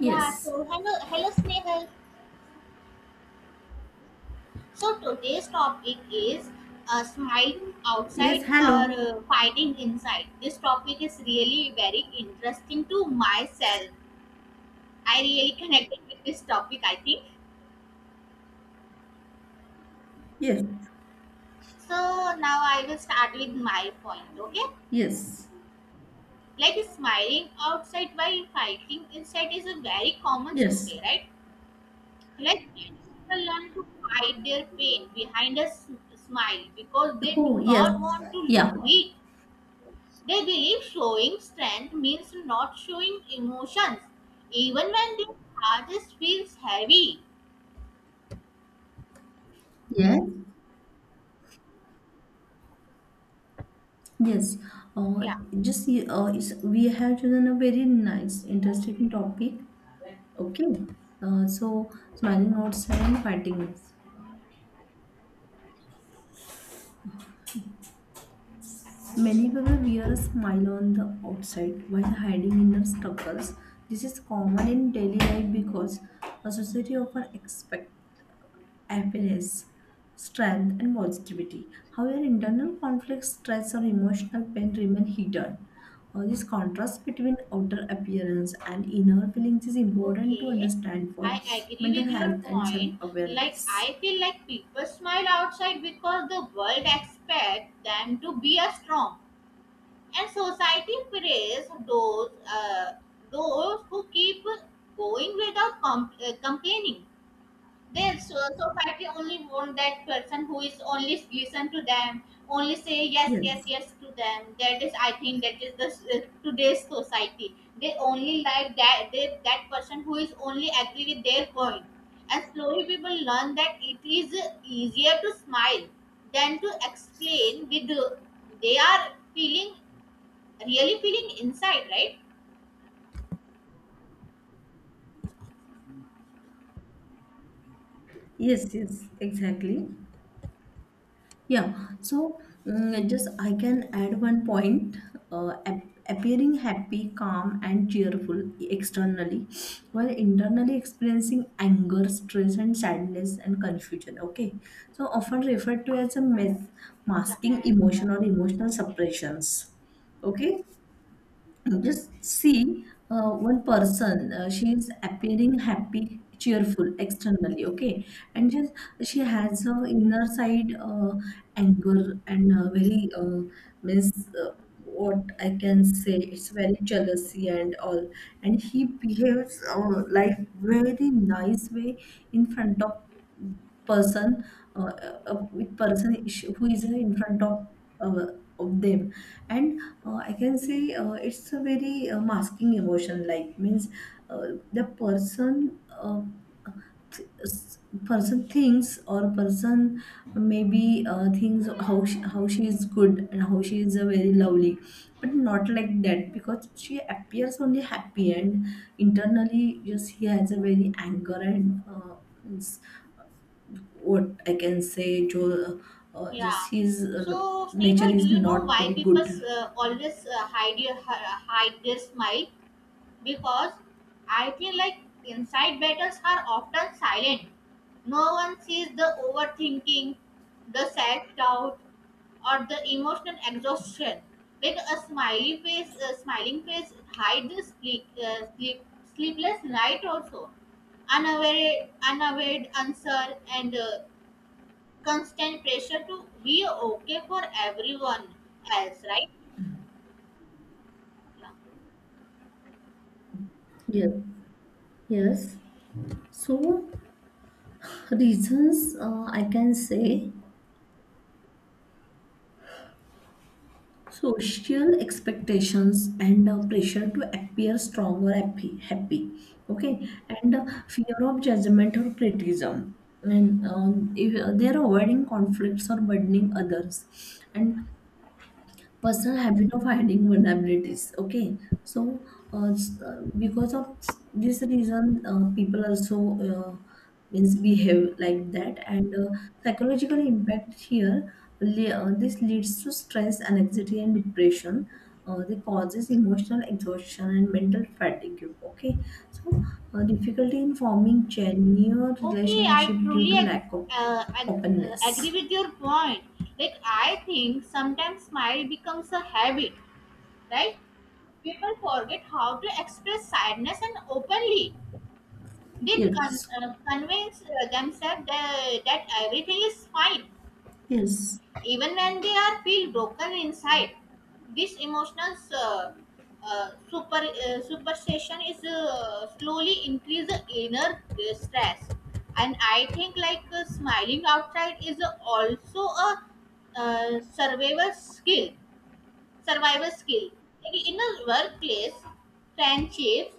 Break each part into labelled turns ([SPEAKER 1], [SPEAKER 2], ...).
[SPEAKER 1] Yeah, so hello, hello Snehal. So today's topic is smiling
[SPEAKER 2] Yes.
[SPEAKER 1] outside or
[SPEAKER 2] Hello.
[SPEAKER 1] fighting inside. This topic is really very interesting to myself. I really connected with this topic, I think.
[SPEAKER 2] Yes.
[SPEAKER 1] So now I will start with my point, okay?
[SPEAKER 2] Yes.
[SPEAKER 1] Like smiling outside while fighting inside is a very common
[SPEAKER 2] Yes.
[SPEAKER 1] today, right? Like many people learn to hide their pain behind a smile because they do
[SPEAKER 2] Who? Yes.
[SPEAKER 1] not want to
[SPEAKER 2] Yeah.
[SPEAKER 1] look weak. They believe showing strength means not showing emotions, even when their heart feels heavy.
[SPEAKER 2] Yes. Yes. Uh,
[SPEAKER 1] Yeah,
[SPEAKER 2] just it's, we have chosen a very nice, interesting topic. Okay. So smiling outside and fighting it. Many people wear a smile on the outside while hiding inner struggles. This is common in daily life because a society often expects happiness, strength, and positivity. However, internal conflicts, stress, or emotional pain remain hidden. This contrast between outer appearance and inner feelings is important to
[SPEAKER 1] okay.
[SPEAKER 2] understand for
[SPEAKER 1] I agree
[SPEAKER 2] mental
[SPEAKER 1] with your
[SPEAKER 2] health and self
[SPEAKER 1] point. Like,
[SPEAKER 2] awareness.
[SPEAKER 1] I feel like people smile outside because the world expects them to be a strong. And society praise uh, those who keep going without complaining. This so society only want that person who is only listen to them, only say yes, yes,
[SPEAKER 2] Yes,
[SPEAKER 1] yes to them. That is, I think, that is the today's society. They only like that that person who is only agree with their point. And slowly people learn that it is easier to smile than to explain with they are feeling really feeling inside, right?
[SPEAKER 2] yes, yes, exactly. Yeah, so just I can add one point. Appearing happy, calm, and cheerful externally, while internally experiencing anger, stress, and sadness and confusion. Okay, so often referred to as a myth, masking emotion or emotional suppressions. Okay, just see one person, she is appearing happy, cheerful externally, okay? And just she has her inner side anger and very, means uh, what I can say, it's very jealousy and all. And he behaves like very nice way in front of person uh, with who is in front uh, of them and I can say it's a very masking emotion like means uh, the th- s- person thinks or person maybe thinks how she is good and how she is very lovely, but not like that because she appears only happy and internally just he has a very anger and what I can say, Joe,
[SPEAKER 1] Yeah.
[SPEAKER 2] just his
[SPEAKER 1] So,
[SPEAKER 2] nature
[SPEAKER 1] Sneha, do
[SPEAKER 2] is
[SPEAKER 1] you know
[SPEAKER 2] not
[SPEAKER 1] why
[SPEAKER 2] very
[SPEAKER 1] people
[SPEAKER 2] good.
[SPEAKER 1] always hide their smile? Because I feel like inside battles are often silent. No one sees the overthinking, the self-doubt, or the emotional exhaustion. Like a smiling face hides the sleepless night also unaware answer and constant pressure to be okay for everyone else, right? Yeah.
[SPEAKER 2] Yes, yes. So, reasons I can say, social expectations and pressure to appear strong or happy, okay, and fear of judgment or criticism, and if, they are avoiding conflicts or burdening others, and personal habit of hiding vulnerabilities, okay. So because of this reason people also uh, means behave like that. And psychological impact here, this leads to stress, anxiety, and depression. They causes emotional exhaustion and mental fatigue. Okay, so difficulty in forming genuine
[SPEAKER 1] Okay, I
[SPEAKER 2] relationship due
[SPEAKER 1] truly
[SPEAKER 2] to lack of openness.
[SPEAKER 1] agree with your point. Like, I think sometimes smile becomes a habit, right? People forget how to express sadness and openly. They
[SPEAKER 2] Yes,
[SPEAKER 1] convince themselves that everything is fine
[SPEAKER 2] yes,
[SPEAKER 1] even when they are feel broken inside. This emotional superstition is slowly increase the inner stress. And I think like smiling outside is also a survival skill, survival skill. Like in the workplace, friendships,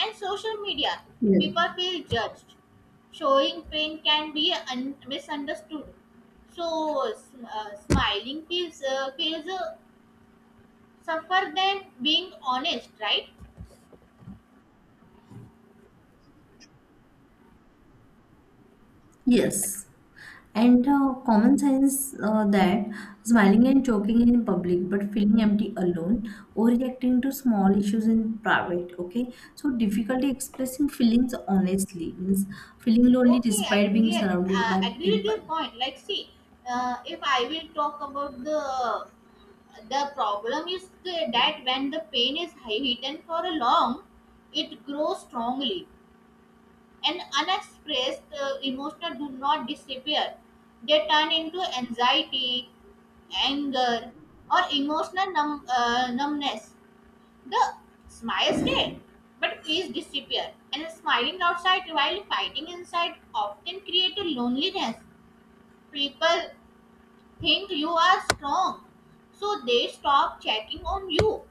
[SPEAKER 1] and social media,
[SPEAKER 2] yes,
[SPEAKER 1] people feel judged. Showing pain can be misunderstood, so s- smiling feels suffer than being honest, right?
[SPEAKER 2] yes. And common sense that smiling and joking in public but feeling empty alone, overreacting to small issues in private, okay? So, difficulty expressing feelings honestly means feeling lonely
[SPEAKER 1] Okay, I
[SPEAKER 2] despite being
[SPEAKER 1] truly
[SPEAKER 2] surrounded by
[SPEAKER 1] agree with your
[SPEAKER 2] people.
[SPEAKER 1] point. Like, see, if I will talk about the... the problem is that when the pain is hidden for a long, it grows strongly. And unexpressed emotions do not disappear. They turn into anxiety, anger, or emotional numbness. The smile stay, but peace disappear. And smiling outside while fighting inside often create a loneliness. People think you are strong, so they stop checking on you.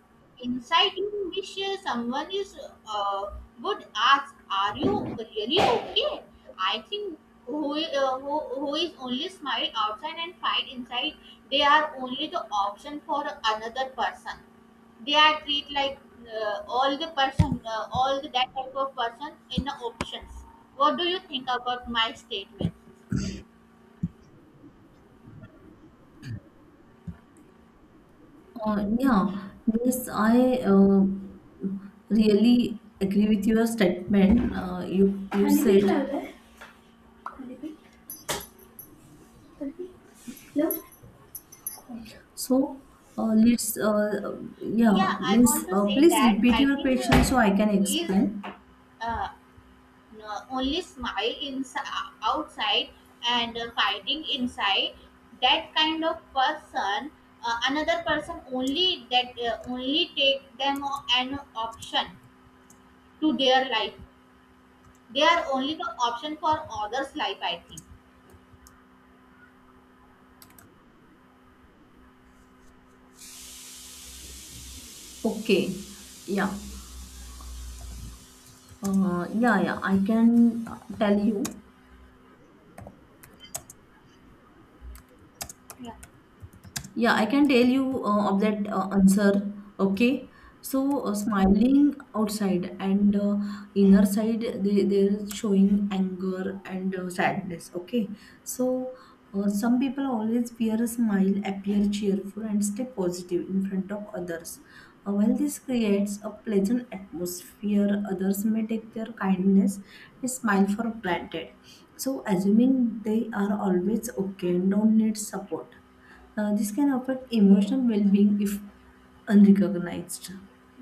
[SPEAKER 1] Inside you wish someone is uh, would ask, "Are you really okay?" I think who is only smile outside and fight inside, they are only the option for another person. They are treat like all the person, all the, that type of person in the options. What do you think about my statement?
[SPEAKER 2] Uh, yeah, yes, I really agree with your statement you said. So let's, yeah,
[SPEAKER 1] Yeah, I
[SPEAKER 2] means
[SPEAKER 1] want to say
[SPEAKER 2] please
[SPEAKER 1] that
[SPEAKER 2] repeat
[SPEAKER 1] I
[SPEAKER 2] your
[SPEAKER 1] think
[SPEAKER 2] question so I can
[SPEAKER 1] who is
[SPEAKER 2] explain.
[SPEAKER 1] uh, no, only smile inside outside and fighting inside. That kind of person, another person only that only take them an option to their life. They are only the option for others life, I think.
[SPEAKER 2] Okay, yeah, yeah. I can tell you.
[SPEAKER 1] Yeah.
[SPEAKER 2] Yeah, I can tell you of that answer. Okay. So, smiling outside and inner side, they're showing anger and sadness. Okay. So, some people always wear a smile, appear cheerful, and stay positive in front of others. While this creates a pleasant atmosphere, others may take their kindness and smile for granted. So, assuming they are always okay and don't need support. This can affect
[SPEAKER 1] Okay.
[SPEAKER 2] emotional well-being if unrecognized.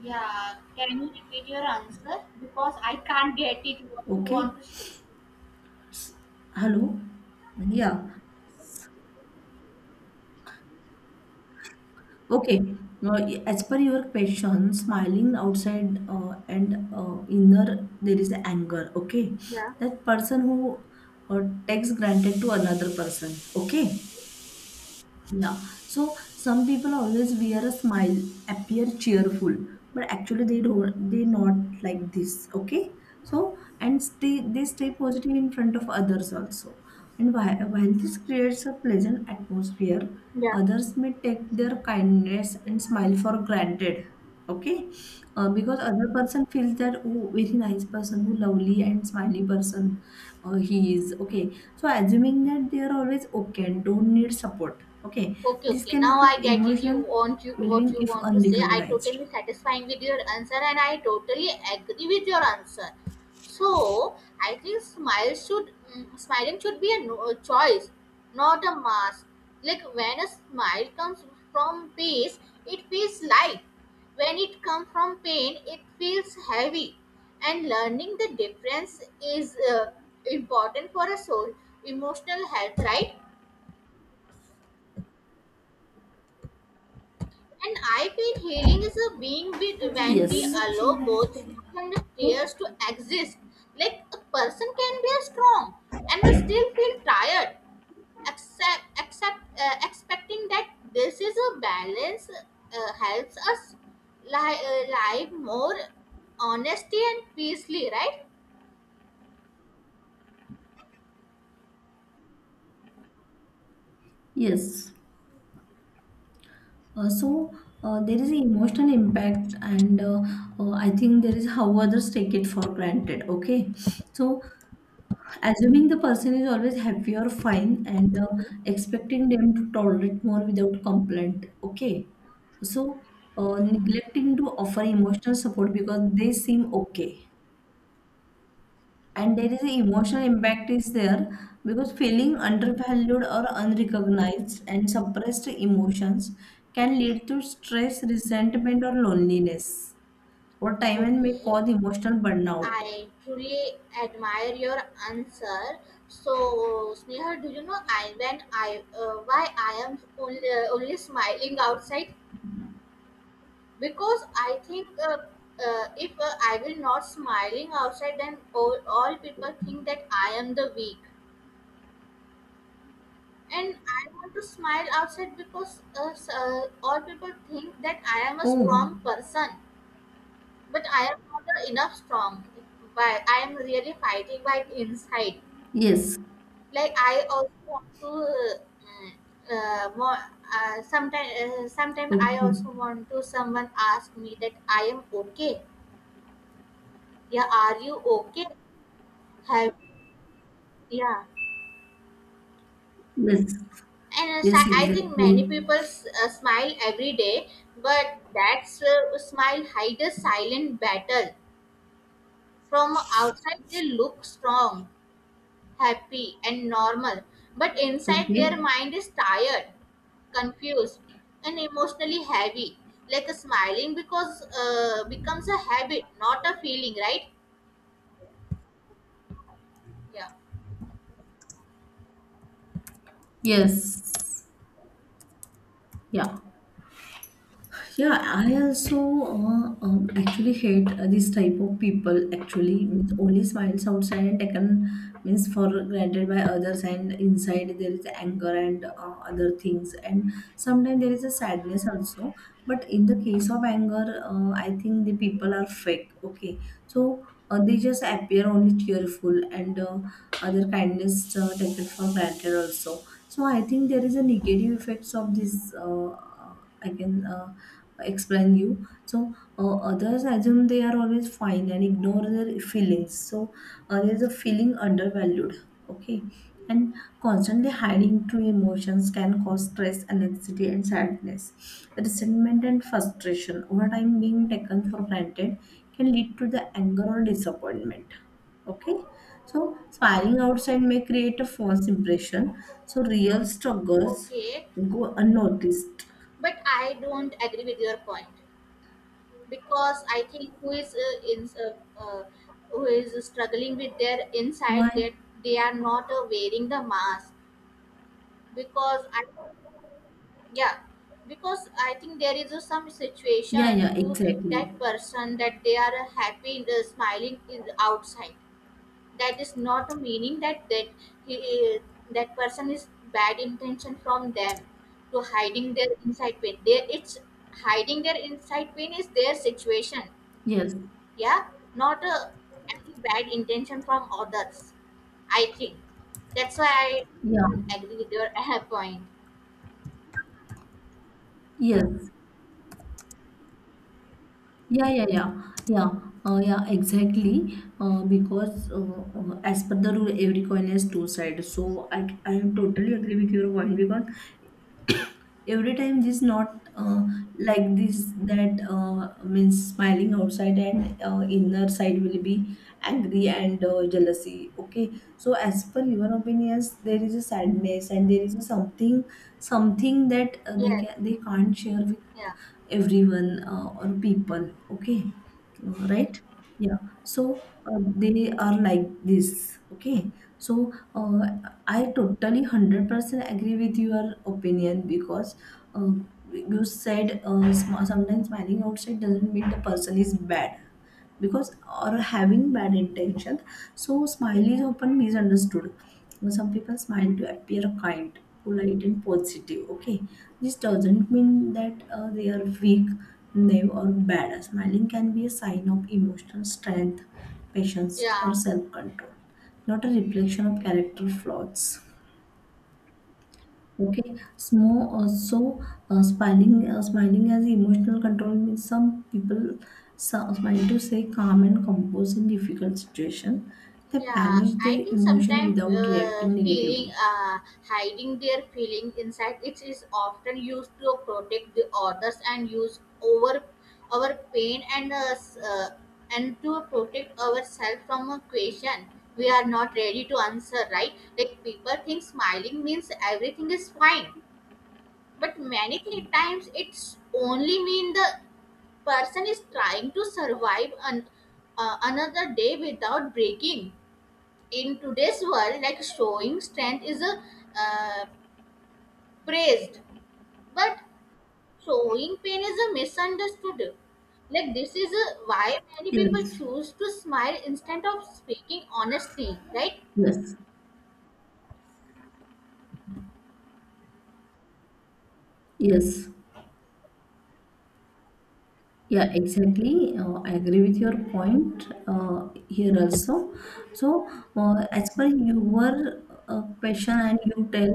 [SPEAKER 1] Yeah, can you repeat your answer, because I can't get it what you
[SPEAKER 2] Okay.
[SPEAKER 1] want to say?
[SPEAKER 2] Hello. Yeah. Okay. Now, as per your question, smiling outside and inner, there is anger. Okay.
[SPEAKER 1] Yeah.
[SPEAKER 2] That person who uh, takes granted to another person. Okay. Yeah. So some people always wear a smile, appear cheerful, but actually they not like this, okay? So and stay they stay positive in front of others also. And while this creates a pleasant atmosphere,
[SPEAKER 1] Yeah.
[SPEAKER 2] others may take their kindness and smile for granted, okay. Because other person feels that, oh, very nice person who lovely and smiley person, he is okay, so assuming that they are always okay and don't need support, okay.
[SPEAKER 1] Okay,
[SPEAKER 2] This
[SPEAKER 1] okay.
[SPEAKER 2] can
[SPEAKER 1] Now
[SPEAKER 2] affect
[SPEAKER 1] I get it. You
[SPEAKER 2] emotional
[SPEAKER 1] want you what
[SPEAKER 2] well-being
[SPEAKER 1] you
[SPEAKER 2] if
[SPEAKER 1] want to say. I
[SPEAKER 2] unrecognized.
[SPEAKER 1] totally satisfying with your answer, and I totally agree with your answer. So I think smile should smiling should be a choice, not a mask. Like when a smile comes from peace, it feels light. When it comes from pain, it feels heavy. And learning the difference is important for a soul emotional health, right? And I feel healing is a being with when we
[SPEAKER 2] Yes.
[SPEAKER 1] allow both smoke and tears to exist. Like a person can be strong and still feel tired, except, except expecting that this is a balance helps us live more honestly and peacefully, right?
[SPEAKER 2] Yes. Uh, so there is an emotional impact, and I think there is how others take it for granted. Okay. So assuming the person is always happy or fine and
[SPEAKER 1] Okay.
[SPEAKER 2] expecting them to tolerate more without complaint. Okay. So, neglecting to offer emotional support because they seem okay. And there is an emotional impact is there because feeling undervalued or unrecognized and suppressed emotions can lead to stress, resentment, or loneliness. Or time and may
[SPEAKER 1] Okay.
[SPEAKER 2] cause emotional burnout.
[SPEAKER 1] I truly admire your answer. So, Sneha, do you know I when I why I am only smiling outside? Because I think if I will not smiling outside, then all people think that I am the weak. And I want to smile outside because all people think that I am a
[SPEAKER 2] Oh,
[SPEAKER 1] strong person, but I am not enough strong. But I am really fighting by inside.
[SPEAKER 2] yes.
[SPEAKER 1] Like I also want to more sometime I
[SPEAKER 2] Okay.
[SPEAKER 1] also want to someone ask me that I am okay. Yeah, are you okay? Have, yeah.
[SPEAKER 2] Yes.
[SPEAKER 1] And
[SPEAKER 2] Yes,
[SPEAKER 1] I think many
[SPEAKER 2] exactly.
[SPEAKER 1] people smile every day, but that smile hides a silent battle. From outside, they look strong, happy, and normal, but inside,
[SPEAKER 2] Okay.
[SPEAKER 1] their mind is tired, confused, and emotionally heavy. Like a smiling because becomes a habit, not a feeling, right? Yeah.
[SPEAKER 2] Yes. Yeah. Yeah, I also actually hate this type of people, actually, with only smiles outside and taken means for granted by others, and inside there is anger and other things, and sometimes there is a sadness also, but in the case of anger, I think the people are fake, okay. So they just appear only cheerful and other kindness taken for granted also. So I think there is a negative effects of this. I can explain you. So others assume they are always fine and ignore their feelings. So there's a feeling undervalued. Okay, and constantly hiding true emotions can cause stress, anxiety, and sadness, resentment, and frustration. Over time, being taken for granted can lead to the anger or disappointment. Okay, so smiling outside may create a false impression. So real struggles
[SPEAKER 1] Okay,
[SPEAKER 2] go unnoticed.
[SPEAKER 1] but I don't agree with your point. Because I think uh, who is struggling with their
[SPEAKER 2] Why?
[SPEAKER 1] inside, that they are not wearing the mask. Because i yeah because I think there is a some
[SPEAKER 2] Yeah,
[SPEAKER 1] situation
[SPEAKER 2] yeah,
[SPEAKER 1] to
[SPEAKER 2] exactly.
[SPEAKER 1] that person that they are happy in the smiling in the outside. That is not a meaning that he, that person is bad intention from them to hiding their inside pain. There it's hiding their inside pain is their situation.
[SPEAKER 2] Yes,
[SPEAKER 1] Yeah, not a any bad intention from others, I think. That's why
[SPEAKER 2] yeah,
[SPEAKER 1] I agree with your point.
[SPEAKER 2] yes, yeah, yeah, yeah, yeah, yeah, exactly. Because As per the rule, every coin has two sides. So I am totally agree with your point because every time this not like this, that means smiling outside and inner side will be angry and jealousy, okay. So as per your opinions there is a sadness and there is a something that
[SPEAKER 1] Yes,
[SPEAKER 2] they can't share with
[SPEAKER 1] yeah,
[SPEAKER 2] everyone or people, okay. Right, yeah. So they are like this, okay. So I totally 100% agree with your opinion because uh, you said, sometimes smiling outside doesn't mean the person is bad, because or having bad intention. So smile is often misunderstood. Some people smile to appear kind, polite, and positive, okay. This doesn't mean that they are weak, naive, or bad. Smiling can be a sign of emotional strength, patience, or
[SPEAKER 1] yeah,
[SPEAKER 2] self-control, not a reflection of character flaws. Okay, smo so smiling smiling as emotional control means some people smile to stay calm and composed in difficult situation. They
[SPEAKER 1] yeah.
[SPEAKER 2] manage
[SPEAKER 1] I
[SPEAKER 2] their
[SPEAKER 1] think
[SPEAKER 2] emotion
[SPEAKER 1] sometimes
[SPEAKER 2] without reacting
[SPEAKER 1] feeling
[SPEAKER 2] negatively.
[SPEAKER 1] hiding their feeling inside, it is often used to protect the others and use over our pain, and and to protect ourselves from a question we are not ready to answer, right? Like people think smiling means everything is fine, but many three times it's only mean the person is trying to survive another day without breaking. In today's world, like showing strength is a uh, praised, but showing pain is a misunderstood. Like this is a, why many people
[SPEAKER 2] Yes,
[SPEAKER 1] choose to smile instead of speaking honestly, right?
[SPEAKER 2] yes, yes. Yeah, exactly. I agree with your point here also. So, as per your question and you tell,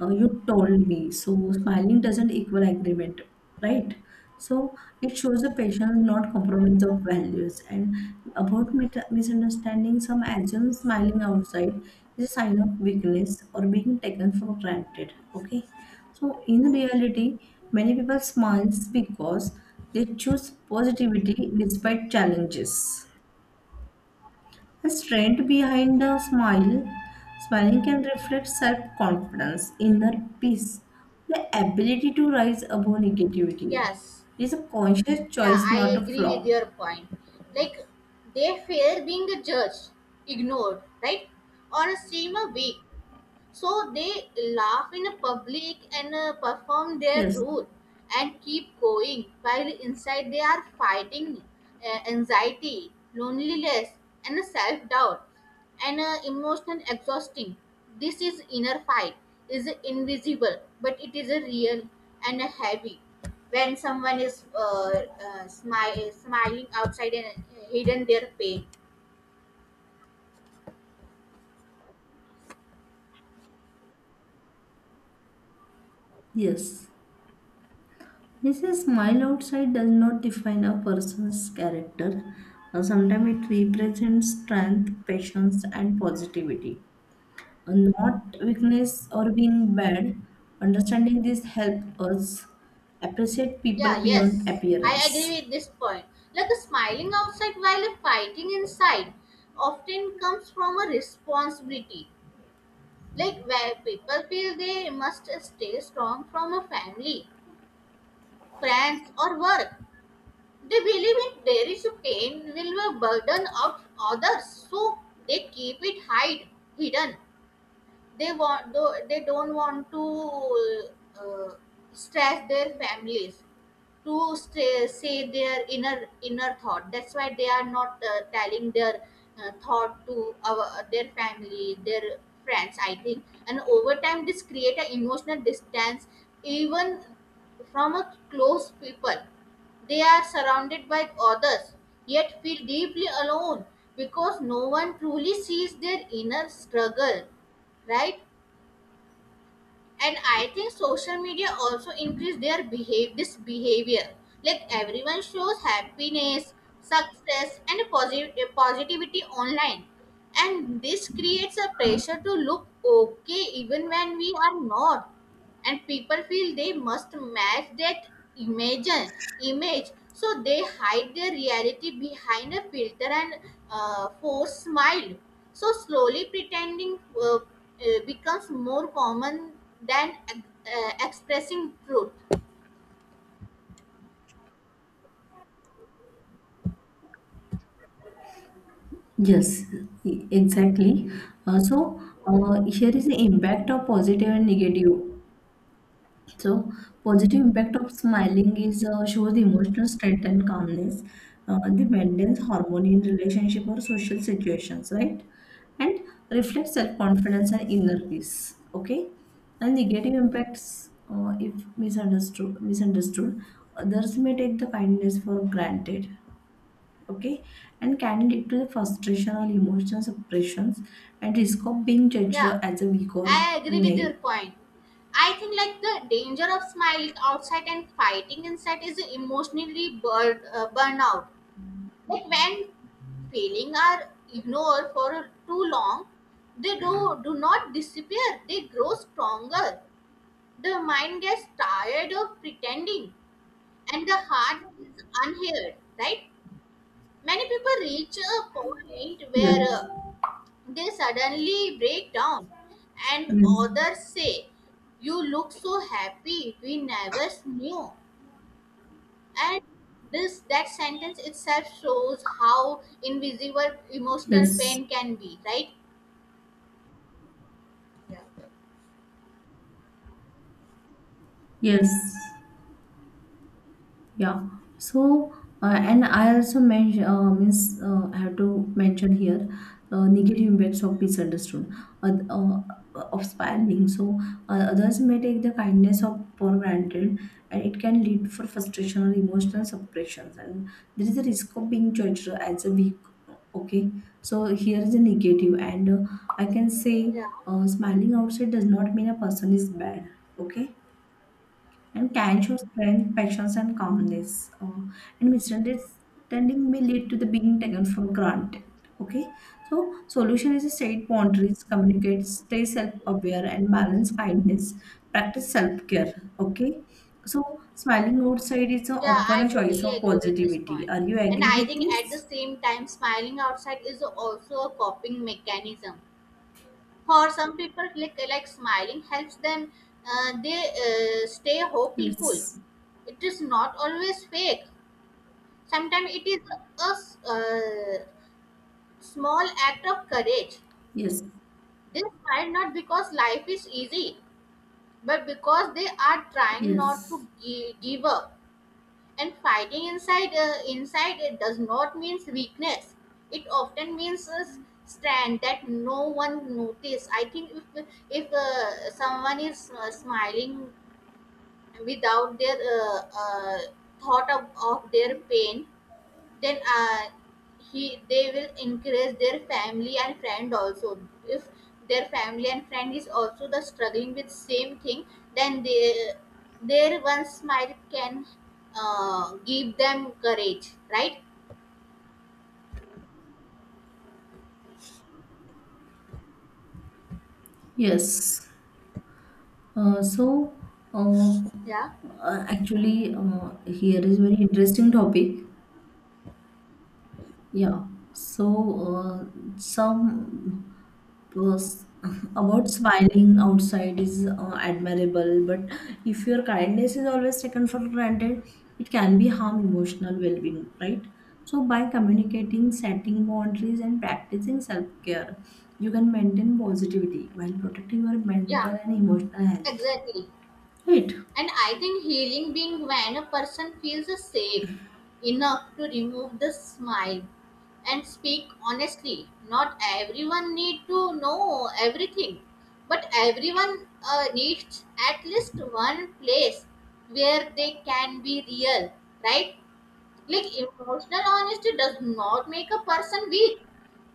[SPEAKER 2] you told me, so smiling doesn't equal agreement, right? So it shows the patient not compromise of values and about misunderstanding. Some assume smiling outside is a sign of weakness or being taken for granted. Okay, so in reality, many people smiles because they choose positivity despite challenges. A strength behind the smile, smiling can reflect self confidence, inner peace, the ability to rise above negativity.
[SPEAKER 1] Yes,
[SPEAKER 2] It is a conscious
[SPEAKER 1] yeah,
[SPEAKER 2] choice, not
[SPEAKER 1] I
[SPEAKER 2] a
[SPEAKER 1] agree with
[SPEAKER 2] flaw.
[SPEAKER 1] your point. Like they fear being judged, ignored, right, or seem a weak. So they laugh in public and perform their
[SPEAKER 2] Yes,
[SPEAKER 1] rule and keep going while inside they are fighting anxiety, loneliness, and self doubt and emotional exhausting. This is inner fight is invisible, but it is real and heavy. When someone is smiling outside and hidden their pain.
[SPEAKER 2] yes. Means a smile outside does not define a person's character. Sometimes it represents strength, patience, and positivity, not weakness or being bad. Understanding this helps us appreciate people
[SPEAKER 1] Yeah,
[SPEAKER 2] beyond
[SPEAKER 1] yes. I agree
[SPEAKER 2] appearance.
[SPEAKER 1] with this point. Like a smiling outside while a fighting inside often comes from a responsibility. Like where people feel they must stay strong from a family, friends, or work. They believe in there is a pain will burden out others, so they keep it hide hidden. They want though they don't want to uh, stress their families to say their inner thought. That's why they are not telling their thought to our their family, their friends, I think. And over time this create an emotional distance even from a close people. They are surrounded by others yet feel deeply alone because no one truly sees their inner struggle, right? And I think social media also increase their behave this behavior. Like everyone shows happiness, success, and positivity online, and this creates a pressure to look okay even when we are not. And people feel they must match that image image, so they hide their reality behind a filter and forced smile. So slowly pretending becomes more common than expressing truth.
[SPEAKER 2] Yes, exactly. Uh, so
[SPEAKER 1] Okay.
[SPEAKER 2] here is the impact of positive and negative. So, positive impact of smiling is shows emotional strength and calmness. They maintains harmony in relationship or social situations, right? And reflects self confidence and inner peace. Okay, and negative impacts if misunderstood, others may take the kindness for granted. Okay, and can lead to the frustration or emotional suppressions, and risk of being judged
[SPEAKER 1] Yeah,
[SPEAKER 2] as a weak or
[SPEAKER 1] I agree with
[SPEAKER 2] naive.
[SPEAKER 1] your point. I think like the danger of smiling outside and fighting inside is emotionally burnout. But when feelings are ignored for too long, they do not disappear, they grow stronger. The mind gets tired of pretending and the heart is unheard, right? Many people reach a point where
[SPEAKER 2] Yes.
[SPEAKER 1] they suddenly break down, and
[SPEAKER 2] Yes.
[SPEAKER 1] others say, "You look so happy, we never knew." And this that sentence itself shows how invisible emotional
[SPEAKER 2] Yes.
[SPEAKER 1] pain can be, right? Yeah.
[SPEAKER 2] Yes, yeah. So, and I also mention means I have to mention here negative impacts of misunderstood uh, uh, of spiraling. So others may take the kindness of for granted, and it can lead for frustration or emotional suppressions, and there is a risk of being judged as a weak. Okay, so here is a negative, and I can say
[SPEAKER 1] Yeah,
[SPEAKER 2] smiling outside does not mean a person is bad. Okay, and can show strength, patience, and calmness. And misunderstanding may lead to the being taken for granted. Okay, so solution is a set boundaries, communicate, stay self-aware, and balance kindness. Practice self-care. Okay, so smiling outside is a,
[SPEAKER 1] yeah,
[SPEAKER 2] often
[SPEAKER 1] I
[SPEAKER 2] a choice
[SPEAKER 1] totally
[SPEAKER 2] of
[SPEAKER 1] agree with this point
[SPEAKER 2] positivity. Are you
[SPEAKER 1] point. And
[SPEAKER 2] agree
[SPEAKER 1] I
[SPEAKER 2] with
[SPEAKER 1] think at the
[SPEAKER 2] this?
[SPEAKER 1] same time smiling outside is also a coping mechanism for some people, like smiling helps them they stay hopeful.
[SPEAKER 2] Yes.
[SPEAKER 1] It is not always fake. Sometimes it is a small act of courage.
[SPEAKER 2] Yes.
[SPEAKER 1] They smile not because life is easy, but because they are trying not to
[SPEAKER 2] Yes.
[SPEAKER 1] give up. And fighting inside, inside it does not mean weakness. It often means a stand that no one notice. I think if if someone is smiling without their thought of their pain, then he they will encourage their family and friend also. If their family and friend is also the struggling with same thing, then they, their one smile can give them courage, right?
[SPEAKER 2] Yes. Uh, so, uh,
[SPEAKER 1] Yeah,
[SPEAKER 2] actually, here is very interesting topic. Yeah. So, some was about smiling outside is admirable, but if your kindness is always taken for granted, it can be harm emotional well-being, right? So, by communicating, setting boundaries, and practicing self-care, you can maintain positivity while protecting your
[SPEAKER 1] yeah,
[SPEAKER 2] mental and emotional health,
[SPEAKER 1] exactly.
[SPEAKER 2] right?
[SPEAKER 1] And I think healing being when a person feels safe enough to remove the smile and speak honestly. Not everyone need to know everything, but everyone needs at least one place where they can be real, right? Like emotional honesty does not make a person weak.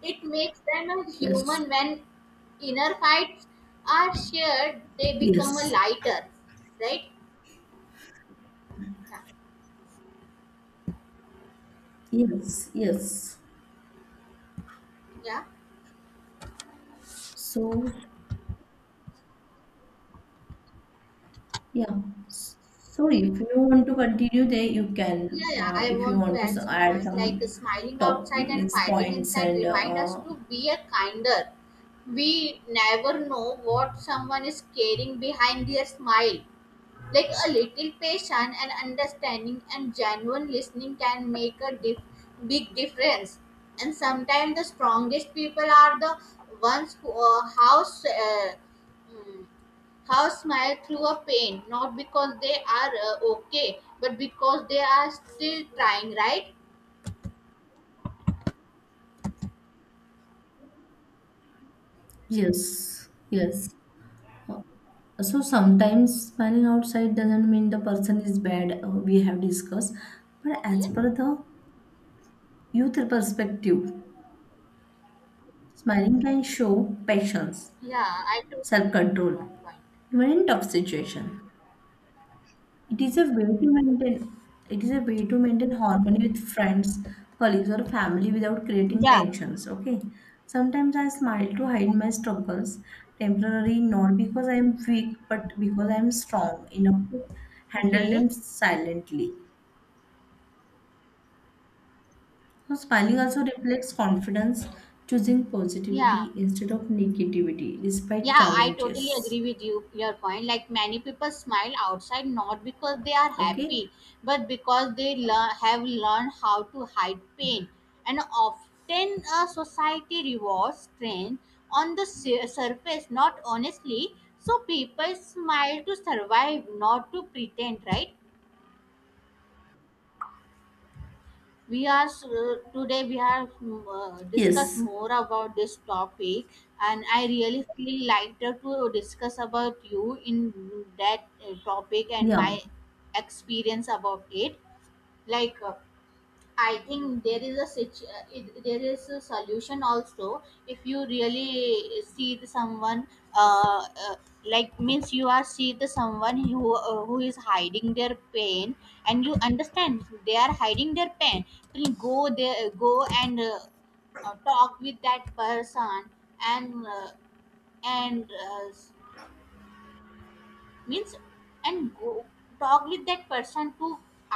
[SPEAKER 1] It makes them a
[SPEAKER 2] Yes.
[SPEAKER 1] human when inner fights are shared, they become a
[SPEAKER 2] Yes,
[SPEAKER 1] lighter, right? Yeah,
[SPEAKER 2] yes, yes.
[SPEAKER 1] yeah,
[SPEAKER 2] So, yeah. S- So, if you want to continue there, you can.
[SPEAKER 1] yeah, yeah. I
[SPEAKER 2] If you
[SPEAKER 1] want to
[SPEAKER 2] want to
[SPEAKER 1] add some
[SPEAKER 2] add
[SPEAKER 1] point like
[SPEAKER 2] some
[SPEAKER 1] smiling
[SPEAKER 2] top
[SPEAKER 1] outside and
[SPEAKER 2] means
[SPEAKER 1] fighting
[SPEAKER 2] points
[SPEAKER 1] inside
[SPEAKER 2] and
[SPEAKER 1] remind us to be a kinder. We never know what someone is carrying behind their smile. Like a little patience and understanding and genuine listening can make a big difference. And sometimes the strongest people are the ones who hmm, How smile through a pain, not because they are okay, but because they are still trying, right?
[SPEAKER 2] yes, yes. Uh, So, sometimes smiling outside doesn't mean the person is bad. We have discussed, but as
[SPEAKER 1] Okay.
[SPEAKER 2] per the youth perspective, smiling can show patience,
[SPEAKER 1] Yeah, I totally agree with
[SPEAKER 2] self-control,
[SPEAKER 1] your point.
[SPEAKER 2] even in tough situation. It is a way to maintain it is a way to maintain harmony with friends, colleagues, or family without creating
[SPEAKER 1] Yeah.
[SPEAKER 2] tensions. Okay. Sometimes I smile to hide my struggles temporarily, not because I am weak, but because I am strong enough to handle
[SPEAKER 1] Okay.
[SPEAKER 2] them silently. So smiling also reflects confidence, choosing
[SPEAKER 1] Yeah.
[SPEAKER 2] positivity instead of negativity despite
[SPEAKER 1] Yeah, I totally
[SPEAKER 2] challenges.
[SPEAKER 1] agree with you. Your point, like many people smile outside not because they are
[SPEAKER 2] Okay?
[SPEAKER 1] happy, but because they have learned how to hide pain. And often, society rewards strength on the surface, not honestly. So people smile to survive, not to pretend, right? We are today we are discuss
[SPEAKER 2] Yes.
[SPEAKER 1] more about this topic, and I really feel lighter to discuss about you in that topic and
[SPEAKER 2] Yeah.
[SPEAKER 1] my experience about it. Like I think there is a there is a solution also. If you really see the someone uh, uh, like means you are see the someone who is hiding their pain and you understand they are hiding their pain, then go and talk with that person and uh, and means and go talk with that person too.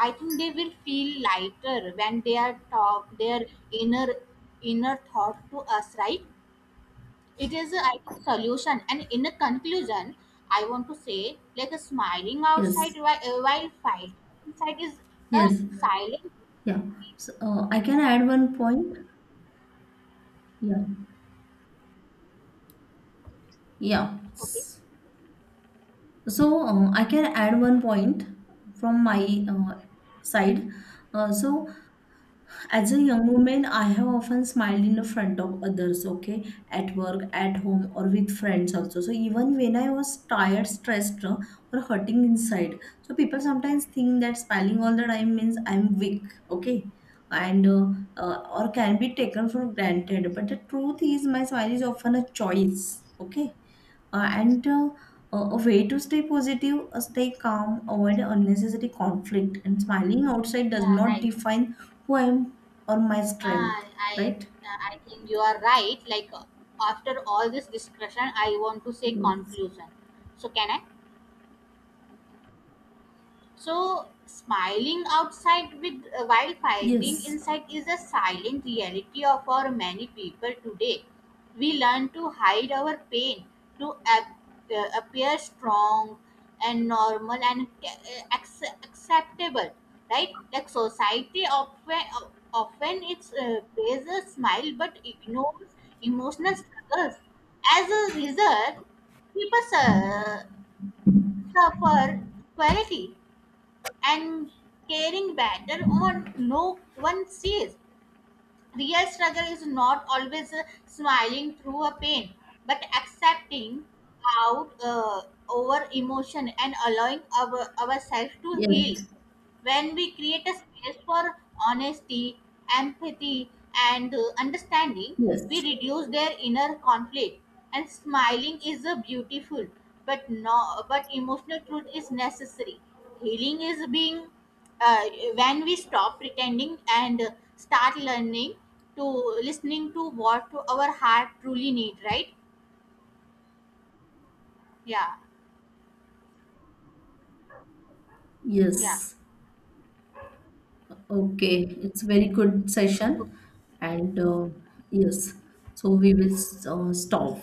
[SPEAKER 1] I think they will feel lighter when they are talk their inner inner thought to us, right? It is a, I think, solution. And in a conclusion, I want to say like a smiling
[SPEAKER 2] Yes.
[SPEAKER 1] outside while fight inside is a
[SPEAKER 2] Yes.
[SPEAKER 1] silent.
[SPEAKER 2] Yeah. So, I can add one point. Yeah. Yeah.
[SPEAKER 1] Okay,
[SPEAKER 2] So I can add one point from my side. So, as a young woman, I have often smiled in the front of others, okay, at work, at home, or with friends also. So even when I was tired, stressed, or hurting inside, so people sometimes think that smiling all the time means I'm weak, okay, and or can be taken for granted. But the truth is, my smile is often a choice, okay, and a way to stay positive, stay calm, avoid unnecessary conflict, and smiling outside does
[SPEAKER 1] yeah,
[SPEAKER 2] not
[SPEAKER 1] right.
[SPEAKER 2] define who I am or my
[SPEAKER 1] uh,
[SPEAKER 2] strength,
[SPEAKER 1] i
[SPEAKER 2] right?
[SPEAKER 1] I think you are right. Like after all this discussion I want to say
[SPEAKER 2] Yes.
[SPEAKER 1] conclusion, so can I. So, smiling outside with while fighting
[SPEAKER 2] Yes.
[SPEAKER 1] inside is a silent reality of our many people today. We learn to hide our pain, to appear strong and normal and acceptable, right? Like society often it's plays a smile but ignores emotional struggles. As a result, people suffer quality and caring better or no one sees. Real struggle is not always smiling through a pain, but accepting out over emotion and allowing ourselves to heal
[SPEAKER 2] Yes.
[SPEAKER 1] when we create a space for honesty, empathy, and understanding, we
[SPEAKER 2] Yes.
[SPEAKER 1] reduce their inner conflict. And smiling is a beautiful, but no, but emotional truth is necessary. Healing is being uh, when we stop pretending and start learning to listening to what our heart truly need. Right? Yeah. Yeah.
[SPEAKER 2] Yes. Okay. It's very good session. And yes. So we will stop